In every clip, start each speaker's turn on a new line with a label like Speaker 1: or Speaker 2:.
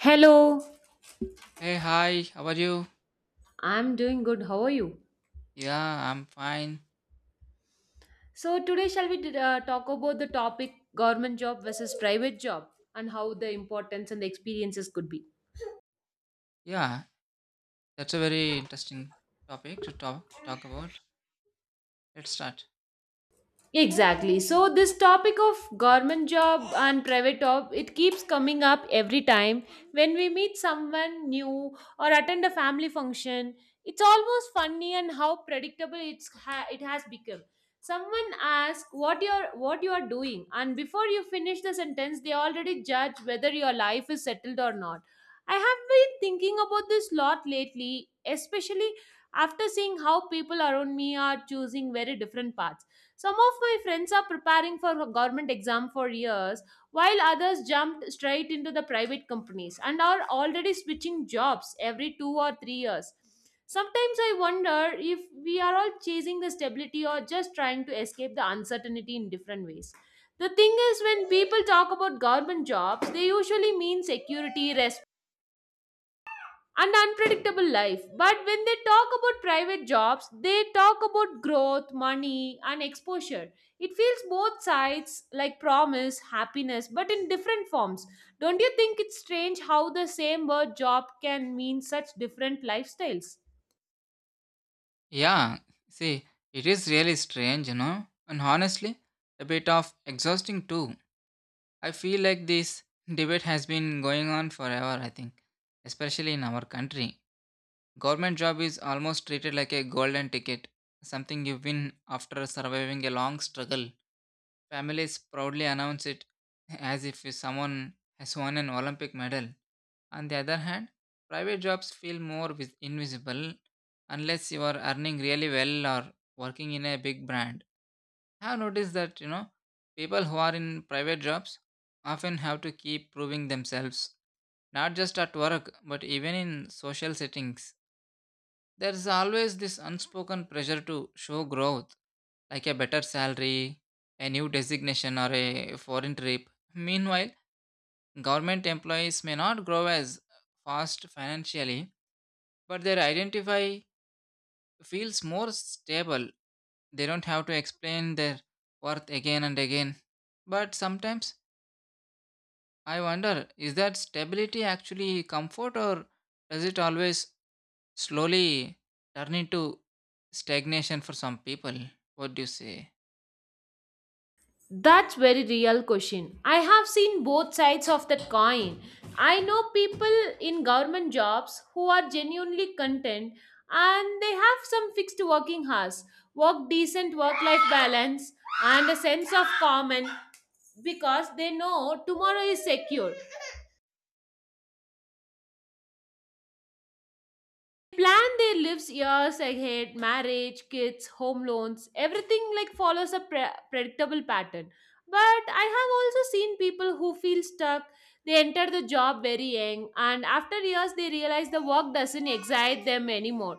Speaker 1: Hello,
Speaker 2: Hey, hi, how are you?
Speaker 1: I'm doing good. How are you?
Speaker 2: Yeah, I'm fine.
Speaker 1: So, today shall we talk about the topic government job versus private job and how the importance and the experiences could be.
Speaker 2: Yeah, that's a very interesting topic to talk about. Let's start.
Speaker 1: Exactly. So this topic of government job and private job, it keeps coming up every time when we meet someone new or attend a family function. It's almost funny and how predictable it has become. Someone asks what you are doing, and before you finish the sentence, they already judge whether your life is settled or not. I have been thinking about this lot lately, especially after seeing how people around me are choosing very different paths. Some of my friends are preparing for a government exam for years, while others jumped straight into the private companies and are already switching jobs every 2 or 3 years. Sometimes I wonder if we are all chasing the stability or just trying to escape the uncertainty in different ways. The thing is, when people talk about government jobs, they usually mean security, and unpredictable life. But when they talk about private jobs, they talk about growth, money, and exposure. It feels both sides like promise, happiness, but in different forms. Don't you think it's strange how the same word job can mean such different lifestyles?
Speaker 2: Yeah, see, it is really strange, and honestly, a bit of exhausting too. I feel like this debate has been going on forever, I think, especially in our country. Government job is almost treated like a golden ticket, something you win after surviving a long struggle. Families proudly announce it as if someone has won an Olympic medal. On the other hand, private jobs feel more invisible unless you are earning really well or working in a big brand. I have noticed that, people who are in private jobs often have to keep proving themselves, not just at work, but even in social settings. There is always this unspoken pressure to show growth, like a better salary, a new designation, or a foreign trip. Meanwhile, government employees may not grow as fast financially, but their identity feels more stable. They don't have to explain their worth again and again. But sometimes I wonder, is that stability actually comfort, or does it always slowly turn into stagnation for some people? What do you say?
Speaker 1: That's very real question. I have seen both sides of that coin. I know people in government jobs who are genuinely content and they have some fixed working hours, work decent work life balance and a sense of calm and because they know tomorrow is secure. Plan their lives years ahead, marriage, kids, home loans, everything like follows a predictable pattern. But I have also seen people who feel stuck. They enter the job very young and after years they realize the work doesn't excite them anymore.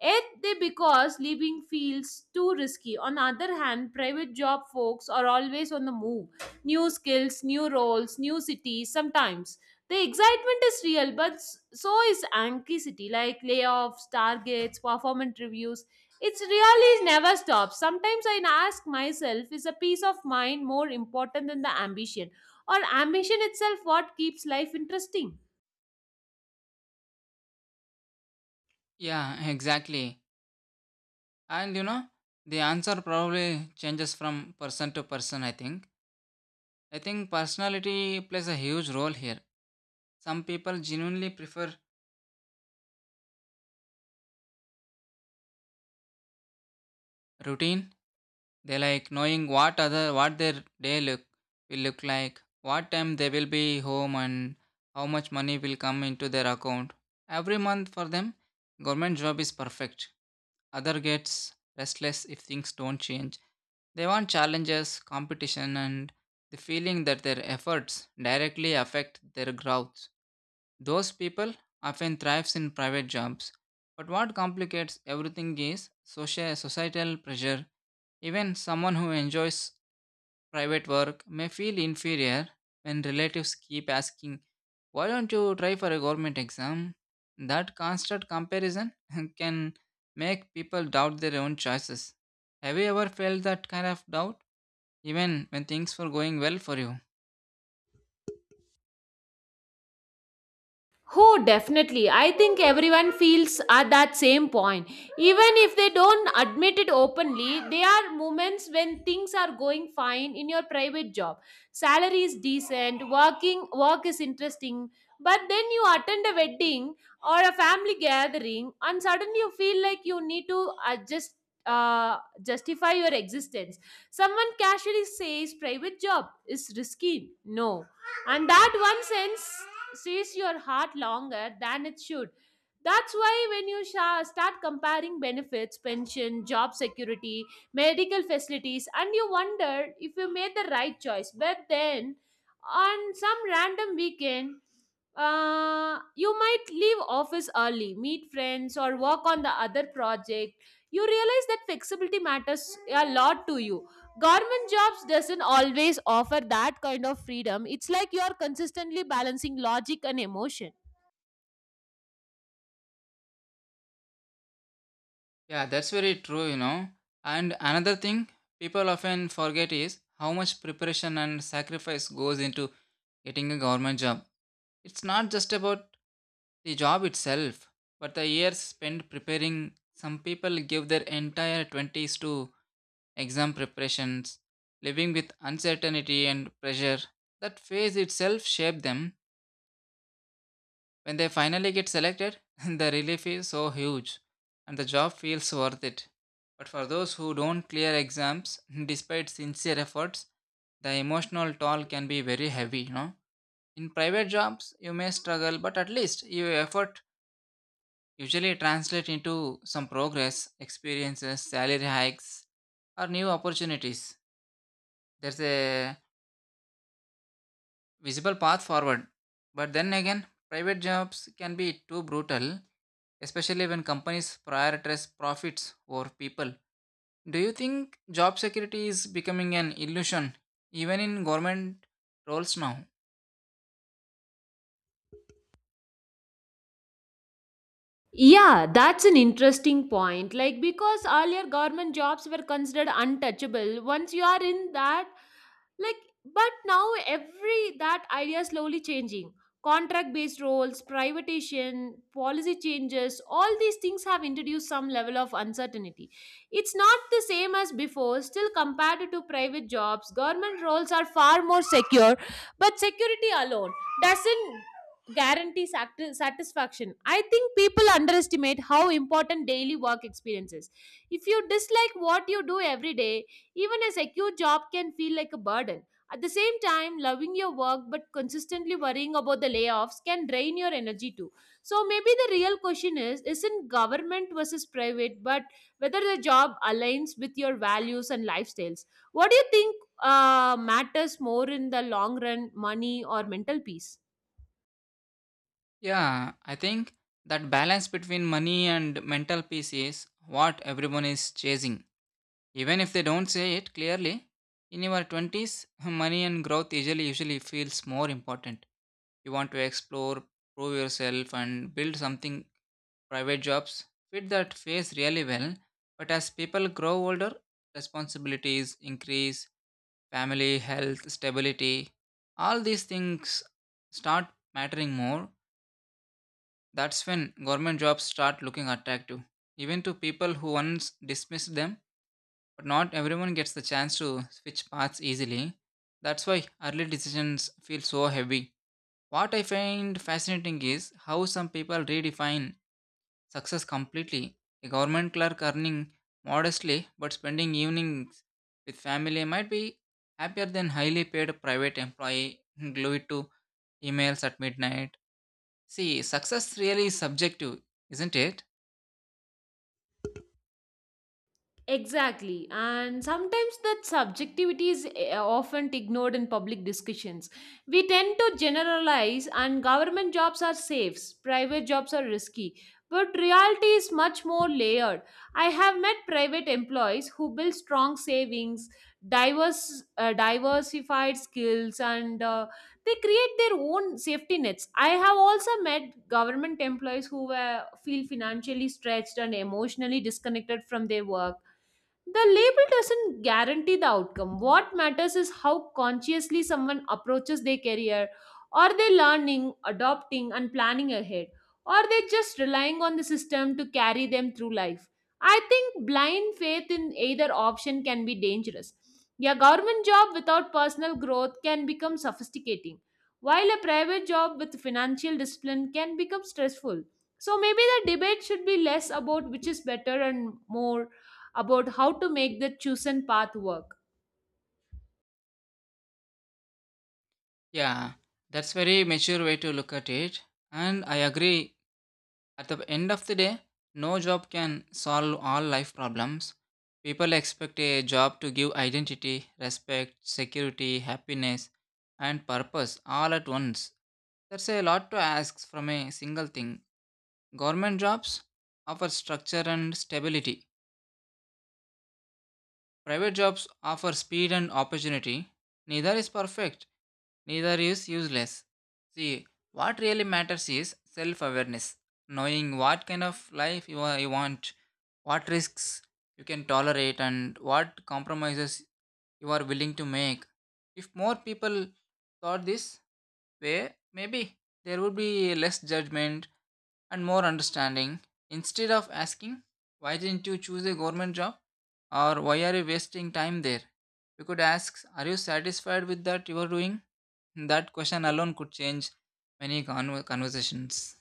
Speaker 1: Yet they because leaving feels too risky. On the other hand, private job folks are always on the move. New skills, new roles, new cities, sometimes. The excitement is real, but so is anxiety, like layoffs, targets, performance reviews. It's really never stops. Sometimes I ask myself, is a peace of mind more important than the ambition? Or ambition itself what keeps life interesting?
Speaker 2: Yeah, exactly. And the answer probably changes from person to person, I think. I think personality plays a huge role here. Some people genuinely prefer routine. They like knowing what their day look will look like, what time they will be home, and how much money will come into their account every month. For them, government job is perfect. Other gets restless if things don't change. They want challenges, competition, and the feeling that their efforts directly affect their growth. Those people often thrives in private jobs, but what complicates everything is societal pressure. Even someone who enjoys private work may feel inferior when relatives keep asking, why don't you try for a government exam? That constant comparison can make people doubt their own choices. Have you ever felt that kind of doubt, even when things were going well for you?
Speaker 1: Oh, definitely. I think everyone feels at that same point. Even if they don't admit it openly, there are moments when things are going fine in your private job. Salary is decent, working work is interesting, but then you attend a wedding or a family gathering and suddenly you feel like you need to adjust justify your existence. Someone casually says private job is risky. No. And that one sense says your heart longer than it should. That's why when you start comparing benefits, pension, job security, medical facilities, and you wonder if you made the right choice, but then on some random weekend, you might leave office early, meet friends, or work on the other project. You realize that flexibility matters a lot to you. Government jobs doesn't always offer that kind of freedom. It's like you're consistently balancing logic and emotion.
Speaker 2: Yeah, that's very true. And another thing people often forget is how much preparation and sacrifice goes into getting a government job. It's not just about the job itself, but the years spent preparing. Some people give their entire 20s to exam preparations, living with uncertainty and pressure. That phase itself shaped them. When they finally get selected, the relief is so huge and the job feels worth it. But for those who don't clear exams despite sincere efforts, the emotional toll can be very heavy. In private jobs, you may struggle, but at least your effort usually translates into some progress, experiences, salary hikes, or new opportunities. There's a visible path forward. But then again, private jobs can be too brutal, especially when companies prioritize profits over people. Do you think job security is becoming an illusion even in government roles now?
Speaker 1: Yeah, that's an interesting point. Like because earlier government jobs were considered untouchable. Once you are in that, like, but now every that idea is slowly changing. Contract based roles, privatization, policy changes, all these things have introduced some level of uncertainty. It's not the same as before. Still compared to private jobs, government roles are far more secure, but security alone doesn't guarantee satisfaction. I think people underestimate how important daily work experience is. If you dislike what you do every day, even a secure job can feel like a burden. At the same time, loving your work but consistently worrying about the layoffs can drain your energy too. So maybe the real question is isn't government versus private, but whether the job aligns with your values and lifestyles. What do you think matters more in the long run, money or mental peace?
Speaker 2: Yeah, I think that balance between money and mental peace is what everyone is chasing. Even if they don't say it clearly, in your 20s, money and growth usually feels more important. You want to explore, prove yourself and build something. Private jobs fit that phase really well, but as people grow older, responsibilities increase, family, health, stability, all these things start mattering more. That's when government jobs start looking attractive, even to people who once dismissed them, but not everyone gets the chance to switch paths easily. That's why early decisions feel so heavy. What I find fascinating is how some people redefine success completely. A government clerk earning modestly but spending evenings with family might be happier than highly paid private employee glued to emails at midnight. See, success really is subjective, isn't it?
Speaker 1: Exactly. And sometimes that subjectivity is often ignored in public discussions. We tend to generalize, and government jobs are safe, private jobs are risky. But reality is much more layered. I have met private employees who build strong savings, diverse, diversified skills, and they create their own safety nets. I have also met government employees who were, feel financially stretched and emotionally disconnected from their work. The label doesn't guarantee the outcome. What matters is how consciously someone approaches their career. Are they learning, adopting, and planning ahead? Or are they just relying on the system to carry them through life? I think blind faith in either option can be dangerous. A government job without personal growth can become sophisticating, while a private job with financial discipline can become stressful. So maybe the debate should be less about which is better and more about how to make the chosen path work.
Speaker 2: Yeah, that's very mature way to look at it. And I agree. At the end of the day, no job can solve all life problems. People expect a job to give identity, respect, security, happiness, and purpose all at once. That's a lot to ask from a single thing. Government jobs offer structure and stability. Private jobs offer speed and opportunity. Neither is perfect, neither is useless. See, what really matters is self awareness, knowing what kind of life you want, what risks you can tolerate, and what compromises you are willing to make. If more people thought this way, maybe there would be less judgment and more understanding. Instead of asking, why didn't you choose a government job? Or why are you wasting time there? You could ask, are you satisfied with that you are doing? That question alone could change many conversations.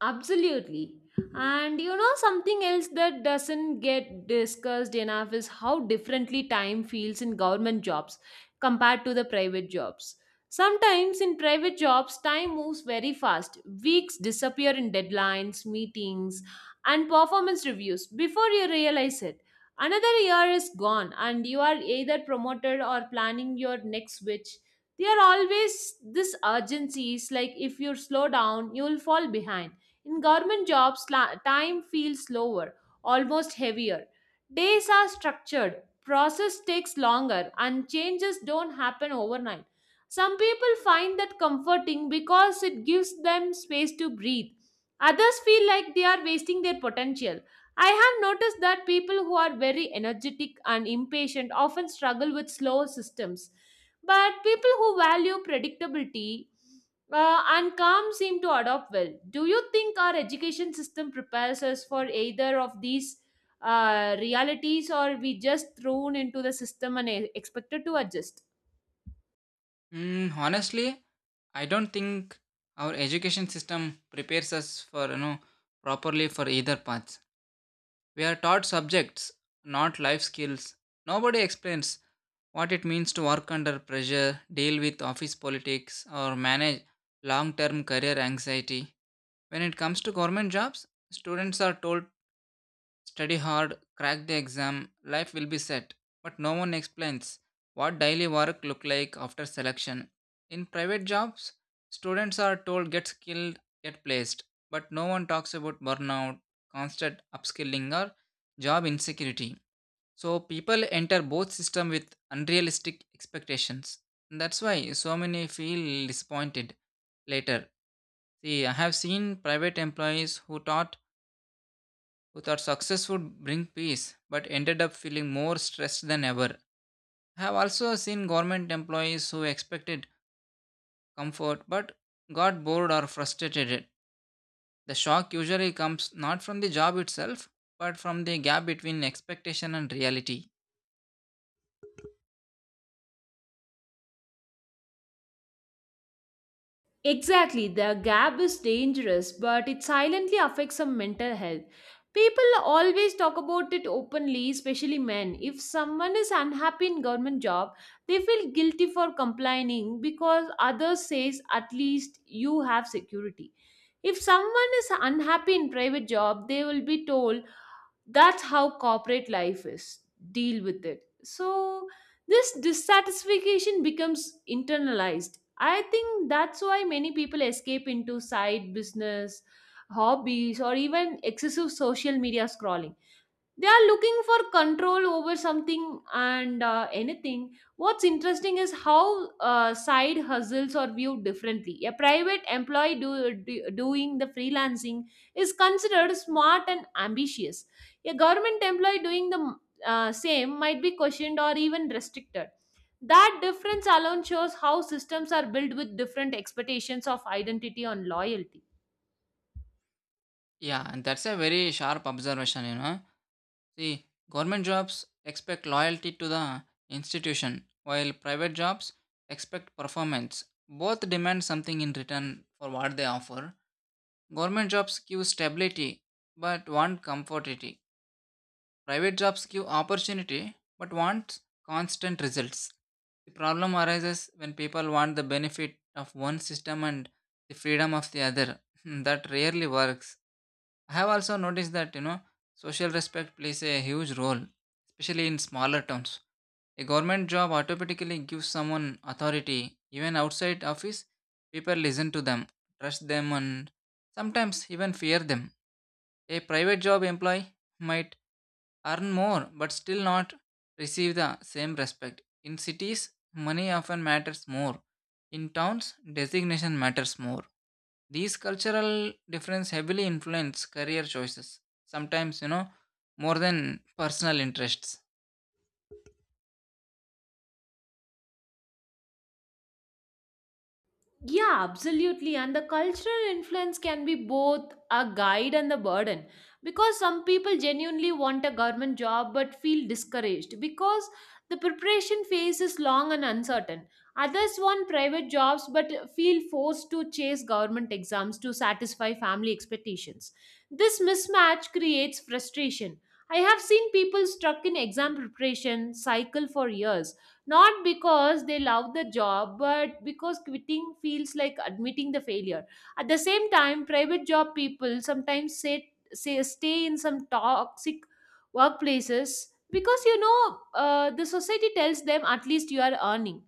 Speaker 1: Absolutely. And you know, something else that doesn't get discussed enough is how differently time feels in government jobs compared to the private jobs. Sometimes in private jobs, time moves very fast. Weeks disappear in deadlines, meetings, and performance reviews before you realize it. Another year is gone, and you are either promoted or planning your next switch. There are always this urgencies like if you slow down, you'll fall behind. In government jobs, time feels slower, almost heavier. Days are structured, process takes longer, and changes don't happen overnight. Some people find that comforting because it gives them space to breathe. Others feel like they are wasting their potential. I have noticed that people who are very energetic and impatient often struggle with slow systems. But people who value predictability and calm seem to adopt well. Do you think our education system prepares us for either of these realities, or we just thrown into the system and expected to adjust?
Speaker 2: Honestly, I don't think our education system prepares us for properly for either path. We are taught subjects, not life skills. Nobody explains what it means to work under pressure, deal with office politics, or manage long-term career anxiety. When it comes to government jobs, students are told study hard, crack the exam, life will be set. But no one explains what daily work look like after selection. In private jobs, students are told get skilled, get placed, but no one talks about burnout, constant upskilling or job insecurity. So people enter both system with unrealistic expectations. That's why so many feel disappointed later. See, I have seen private employees who thought success would bring peace, but ended up feeling more stressed than ever. I have also seen government employees who expected comfort but got bored or frustrated. The shock usually comes not from the job itself, but from the gap between expectation and reality.
Speaker 1: Exactly, the gap is dangerous, but it silently affects some mental health. People always talk about it openly, especially men. If someone is unhappy in government job, they feel guilty for complaining because others says at least you have security. If someone is unhappy in private job, they will be told that's how corporate life is. Deal with it. So this dissatisfaction becomes internalized. I think that's why many people escape into side business, hobbies, or even excessive social media scrolling. They are looking for control over something and, anything. What's interesting is how side hustles are viewed differently. A private employee doing the freelancing is considered smart and ambitious. A government employee doing the same might be questioned or even restricted. That difference alone shows how systems are built with different expectations of identity and loyalty.
Speaker 2: Yeah, and that's a very sharp observation. See, government jobs expect loyalty to the institution, while private jobs expect performance. Both demand something in return for what they offer. Government jobs give stability but want comfortability. Private jobs give opportunity but want constant results. The problem arises when people want the benefit of one system and the freedom of the other. That rarely works. I have also noticed that, social respect plays a huge role, especially in smaller towns. A government job automatically gives someone authority. Even outside office, people listen to them, trust them, and sometimes even fear them. A private job employee might earn more but still not receive the same respect. In cities, money often matters more. In towns, designation matters more. These cultural difference heavily influence career choices. Sometimes, more than personal interests.
Speaker 1: Yeah, absolutely. And the cultural influence can be both a guide and a burden because some people genuinely want a government job but feel discouraged because the preparation phase is long and uncertain. Others want private jobs but feel forced to chase government exams to satisfy family expectations. This mismatch creates frustration. I have seen people stuck in exam preparation cycle for years, not because they love the job but because quitting feels like admitting the failure. At the same time, private job people sometimes say stay in some toxic workplaces because you know, the society tells them at least you are earning.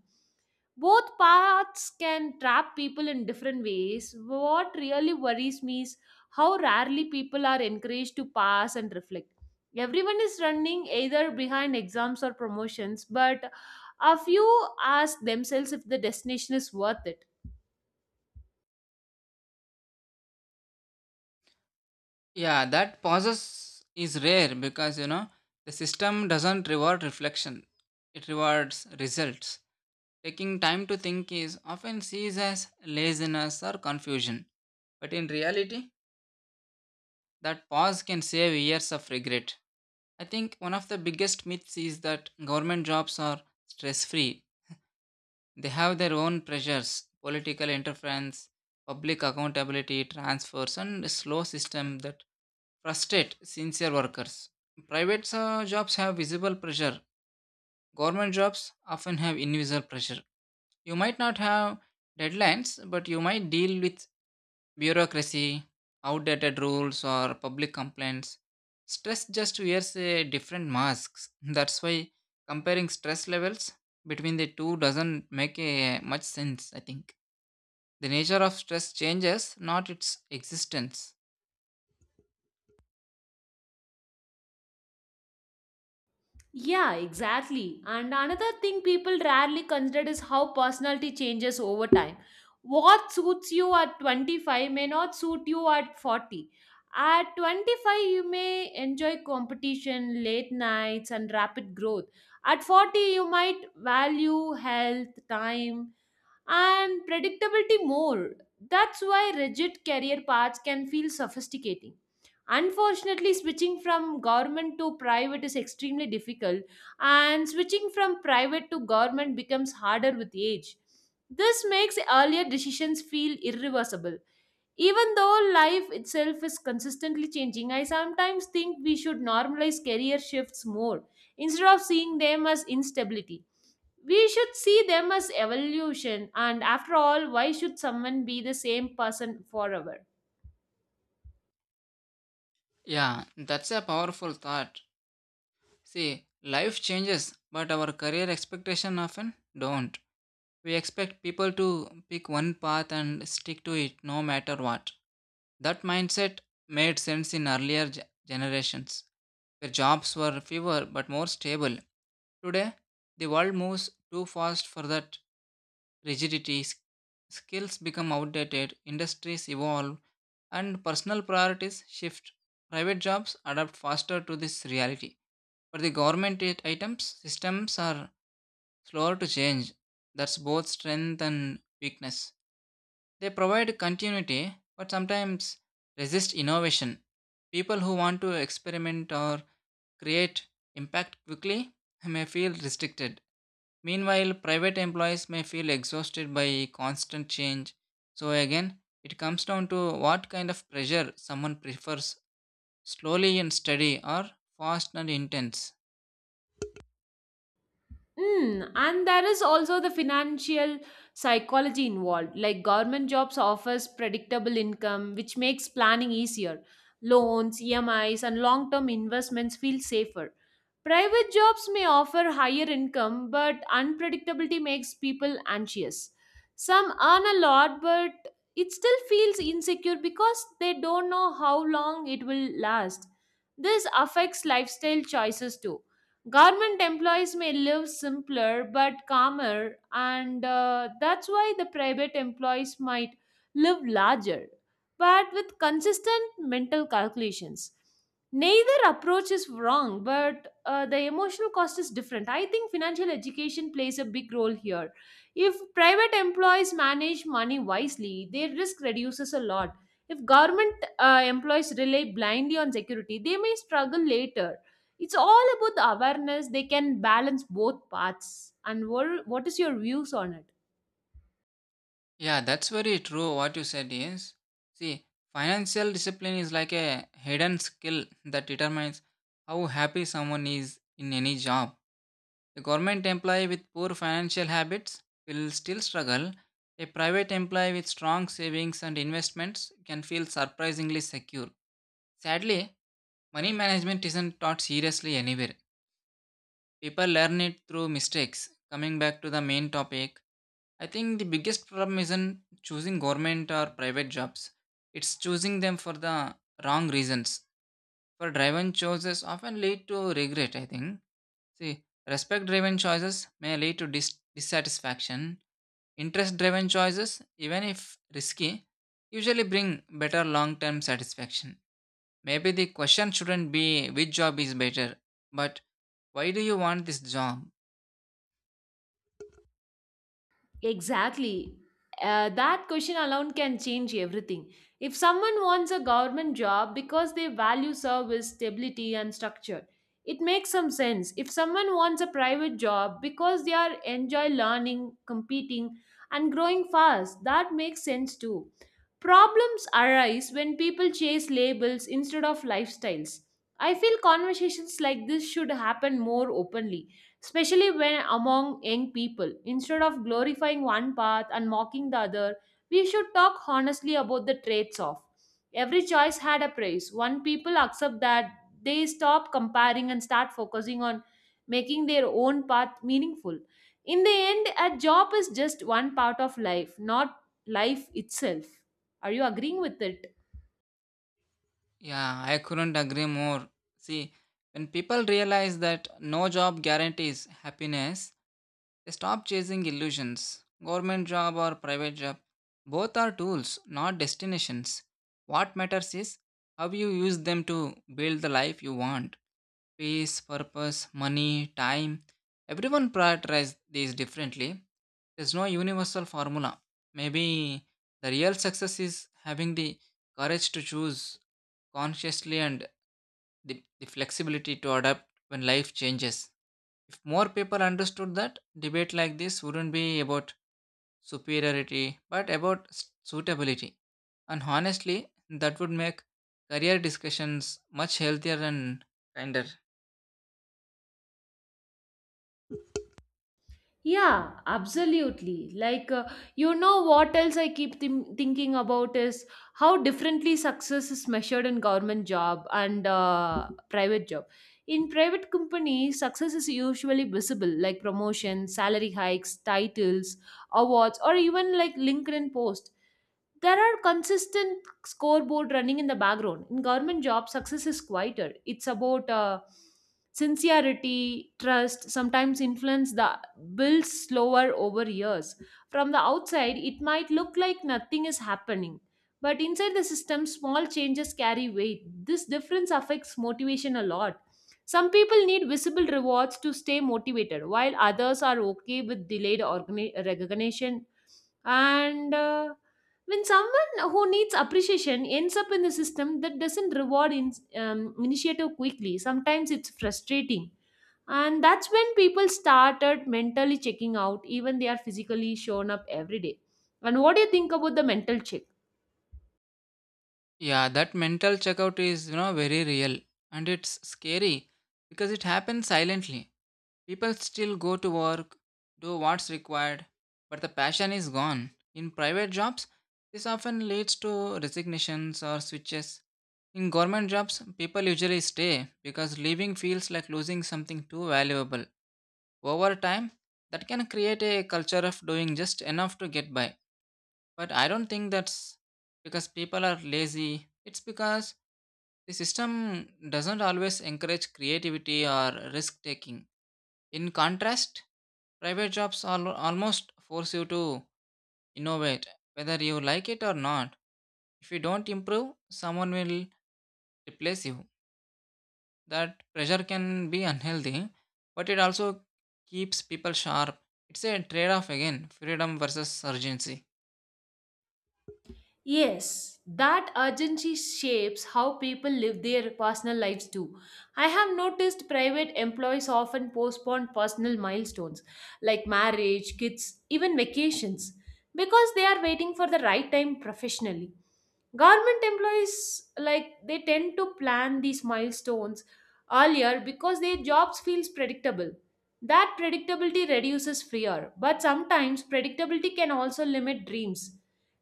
Speaker 1: Both paths can trap people in different ways. What really worries me is how rarely people are encouraged to pass and reflect. Everyone is running either behind exams or promotions, but a few ask themselves if the destination is worth it.
Speaker 2: Yeah, that pauses is rare because, the system doesn't reward reflection. It rewards results. Taking time to think is often seen as laziness or confusion. But in reality, that pause can save years of regret. I think one of the biggest myths is that government jobs are stress free. They have their own pressures, political interference, public accountability, transfers, and a slow system that frustrate sincere workers. Private jobs have visible pressure. Government jobs often have invisible pressure. You might not have deadlines, but you might deal with bureaucracy, outdated rules, or public complaints. Stress just wears a different masks. That's why comparing stress levels between the two doesn't make a much sense, I think. The nature of stress changes, not its existence.
Speaker 1: Yeah, exactly. And another thing people rarely consider is how personality changes over time. What suits you at 25 may not suit you at 40. At 25, you may enjoy competition, late nights, and rapid growth. At 40, you might value health, time, and predictability more. That's why rigid career paths can feel sophisticating. Unfortunately, switching from government to private is extremely difficult, and switching from private to government becomes harder with age. This makes earlier decisions feel irreversible. Even though life itself is consistently changing, I sometimes think we should normalize career shifts more instead of seeing them as instability. We should see them as evolution, and after all, why should someone be the same person forever?
Speaker 2: Yeah, that's a powerful thought. See, life changes, but our career expectation often don't. We expect people to pick one path and stick to it no matter what. That mindset made sense in earlier generations, where jobs were fewer but more stable. Today, the world moves too fast for that rigidity. Skills become outdated, industries evolve, and personal priorities shift. Private jobs adapt faster to this reality. For the government items, systems are slower to change. That's both strength and weakness. They provide continuity, but sometimes resist innovation. People who want to experiment or create impact quickly may feel restricted. Meanwhile, private employees may feel exhausted by constant change. So, again, it comes down to what kind of pressure someone prefers, slowly and steady or fast and intense.
Speaker 1: Mm, and there is also the financial psychology involved. Like government jobs offers predictable income, which makes planning easier. Loans, EMIs, and long-term investments feel safer. Private jobs may offer higher income, but unpredictability makes people anxious. Some earn a lot, but it still feels insecure because they don't know how long it will last. This affects lifestyle choices too. Government employees may live simpler but calmer, and that's why the private employees might live larger, but with consistent mental calculations. Neither approach is wrong, but the emotional cost is different. I think financial education plays a big role here. If private employees manage money wisely, their risk reduces a lot. If government employees rely blindly on security, they may struggle later. It's all about the awareness. They can balance both paths. And what is your views on it?
Speaker 2: Yeah, that's very true. What you said is, see, financial discipline is like a hidden skill that determines how happy someone is in any job. A government employee with poor financial habits will still struggle. A private employee with strong savings and investments can feel surprisingly secure. Sadly, money management isn't taught seriously anywhere. People learn it through mistakes. Coming back to the main topic, I think the biggest problem isn't choosing government or private jobs. It's choosing them for the wrong reasons. For driven choices often lead to regret, I think. See, respect driven choices may lead to dissatisfaction. Interest driven choices, even if risky, usually bring better long term satisfaction. Maybe the question shouldn't be which job is better, but why do you want this job?
Speaker 1: Exactly. That question alone can change everything. If someone wants a government job because they value service, stability, and structure, it makes some sense. If someone wants a private job because they are enjoy learning, competing, and growing fast, that makes sense too. Problems arise when people chase labels instead of lifestyles. I feel conversations like this should happen more openly, especially when among young people. Instead of glorifying one path and mocking the other, we should talk honestly about the traits of. Every choice had a price. One people accept that, they stop comparing and start focusing on making their own path meaningful. In the end, a job is just one part of life, not life itself. Are you agreeing with it?
Speaker 2: Yeah, I couldn't agree more. See, when people realize that no job guarantees happiness, they stop chasing illusions. Government job or private job, both are tools, not destinations. What matters is how you use them to build the life you want. Peace, purpose, money, time. Everyone prioritizes these differently. There's no universal formula. Maybe the real success is having the courage to choose consciously and the flexibility to adapt when life changes. If more people understood that, debate like this wouldn't be about superiority but about suitability. And honestly, that would make career discussions much healthier and kinder.
Speaker 1: Yeah, absolutely. Like, what else I keep thinking about is how differently success is measured in government job and private job. In private companies, success is usually visible, like promotion, salary hikes, titles, awards, or even like LinkedIn post. There are consistent scoreboard running in the background. In government job, success is quieter. It's about sincerity, trust, sometimes influence that builds slower over years. From the outside, it might look like nothing is happening. But inside the system, small changes carry weight. This difference affects motivation a lot. Some people need visible rewards to stay motivated, while others are okay with delayed recognition, and when someone who needs appreciation ends up in the system that doesn't reward in, initiative quickly, sometimes it's frustrating, and that's when people started mentally checking out even they are physically shown up every day. And what do you think about the mental check?
Speaker 2: Yeah, that mental checkout is, very real and it's scary because it happens silently. People still go to work, do what's required, but the passion is gone. In private jobs, this often leads to resignations or switches. In government jobs, people usually stay because leaving feels like losing something too valuable. Over time, that can create a culture of doing just enough to get by. But I don't think that's because people are lazy. It's because the system doesn't always encourage creativity or risk taking. In contrast, private jobs almost force you to innovate, whether you like it or not. If you don't improve, someone will replace you. That pressure can be unhealthy, but it also keeps people sharp. It's a trade off again, freedom versus urgency.
Speaker 1: Yes, that urgency shapes how people live their personal lives too. I have noticed private employees often postpone personal milestones like marriage, kids, even vacations because they are waiting for the right time professionally. Government employees, like, they tend to plan these milestones earlier because their jobs feels predictable. That predictability reduces fear, but sometimes predictability can also limit dreams.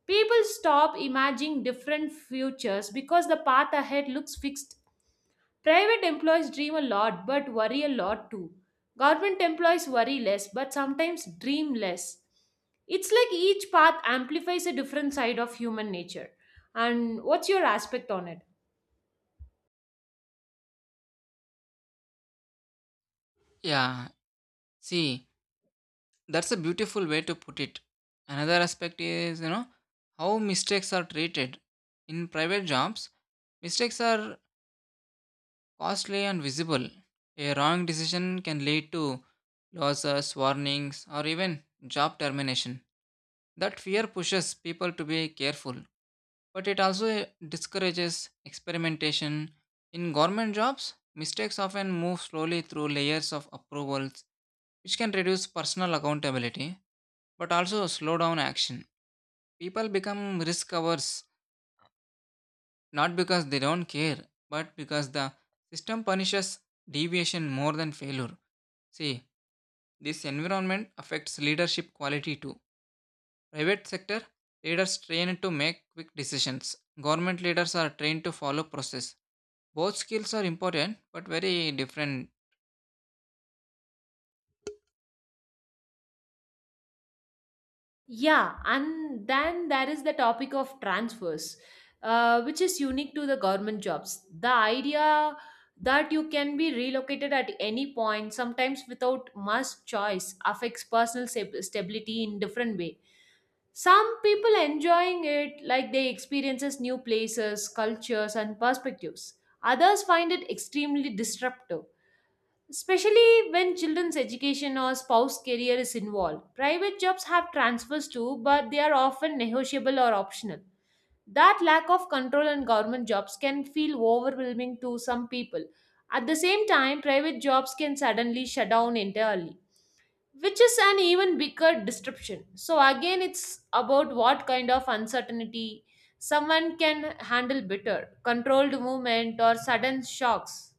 Speaker 1: People stop imagining different futures because the path ahead looks fixed. Private employees dream a lot but worry a lot too. Government employees worry less but sometimes dream less. It's like each path amplifies a different side of human nature. And what's your aspect on it?
Speaker 2: Yeah, see, that's a beautiful way to put it. Another aspect is, how mistakes are treated. In private jobs, mistakes are costly and visible. A wrong decision can lead to losses, warnings, or even job termination. That fear pushes people to be careful, but it also discourages experimentation. In government jobs, mistakes often move slowly through layers of approvals, which can reduce personal accountability but also slow down action. People become risk averse not because they don't care, but because the system punishes deviation more than failure. See, this environment affects leadership quality too. Private sector leaders train to make quick decisions. Government leaders are trained to follow process. Both skills are important but very different.
Speaker 1: Yeah, and then there is the topic of transfers, which is unique to the government jobs. The idea that you can be relocated at any point, sometimes without much choice, affects personal stability in different way. Some people enjoying it, like they experiences new places, cultures, and perspectives. Others find it extremely disruptive. Especially when children's education or spouse career is involved. Private jobs have transfers too, but they are often negotiable or optional. That lack of control in government jobs can feel overwhelming to some people. At the same time, private jobs can suddenly shut down entirely, which is an even bigger disruption. So, again, it's about what kind of uncertainty someone can handle, better controlled movement or sudden shocks.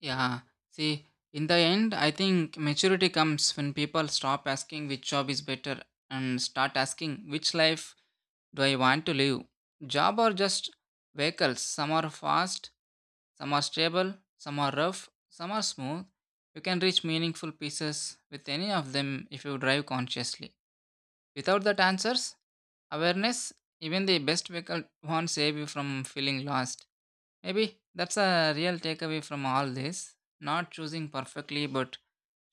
Speaker 2: Yeah. See, in the end, I think maturity comes when people stop asking which job is better and start asking which life do I want to live. Job are just vehicles. Some are fast, some are stable, some are rough, some are smooth. You can reach meaningful pieces with any of them if you drive consciously. Without that answers, awareness, even the best vehicle won't save you from feeling lost. Maybe that's a real takeaway from all this. Not choosing perfectly but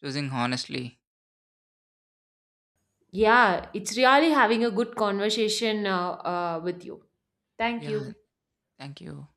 Speaker 2: choosing honestly.
Speaker 1: Yeah, it's really having a good conversation with you. Thank
Speaker 2: Yeah,
Speaker 1: you.
Speaker 2: thank you.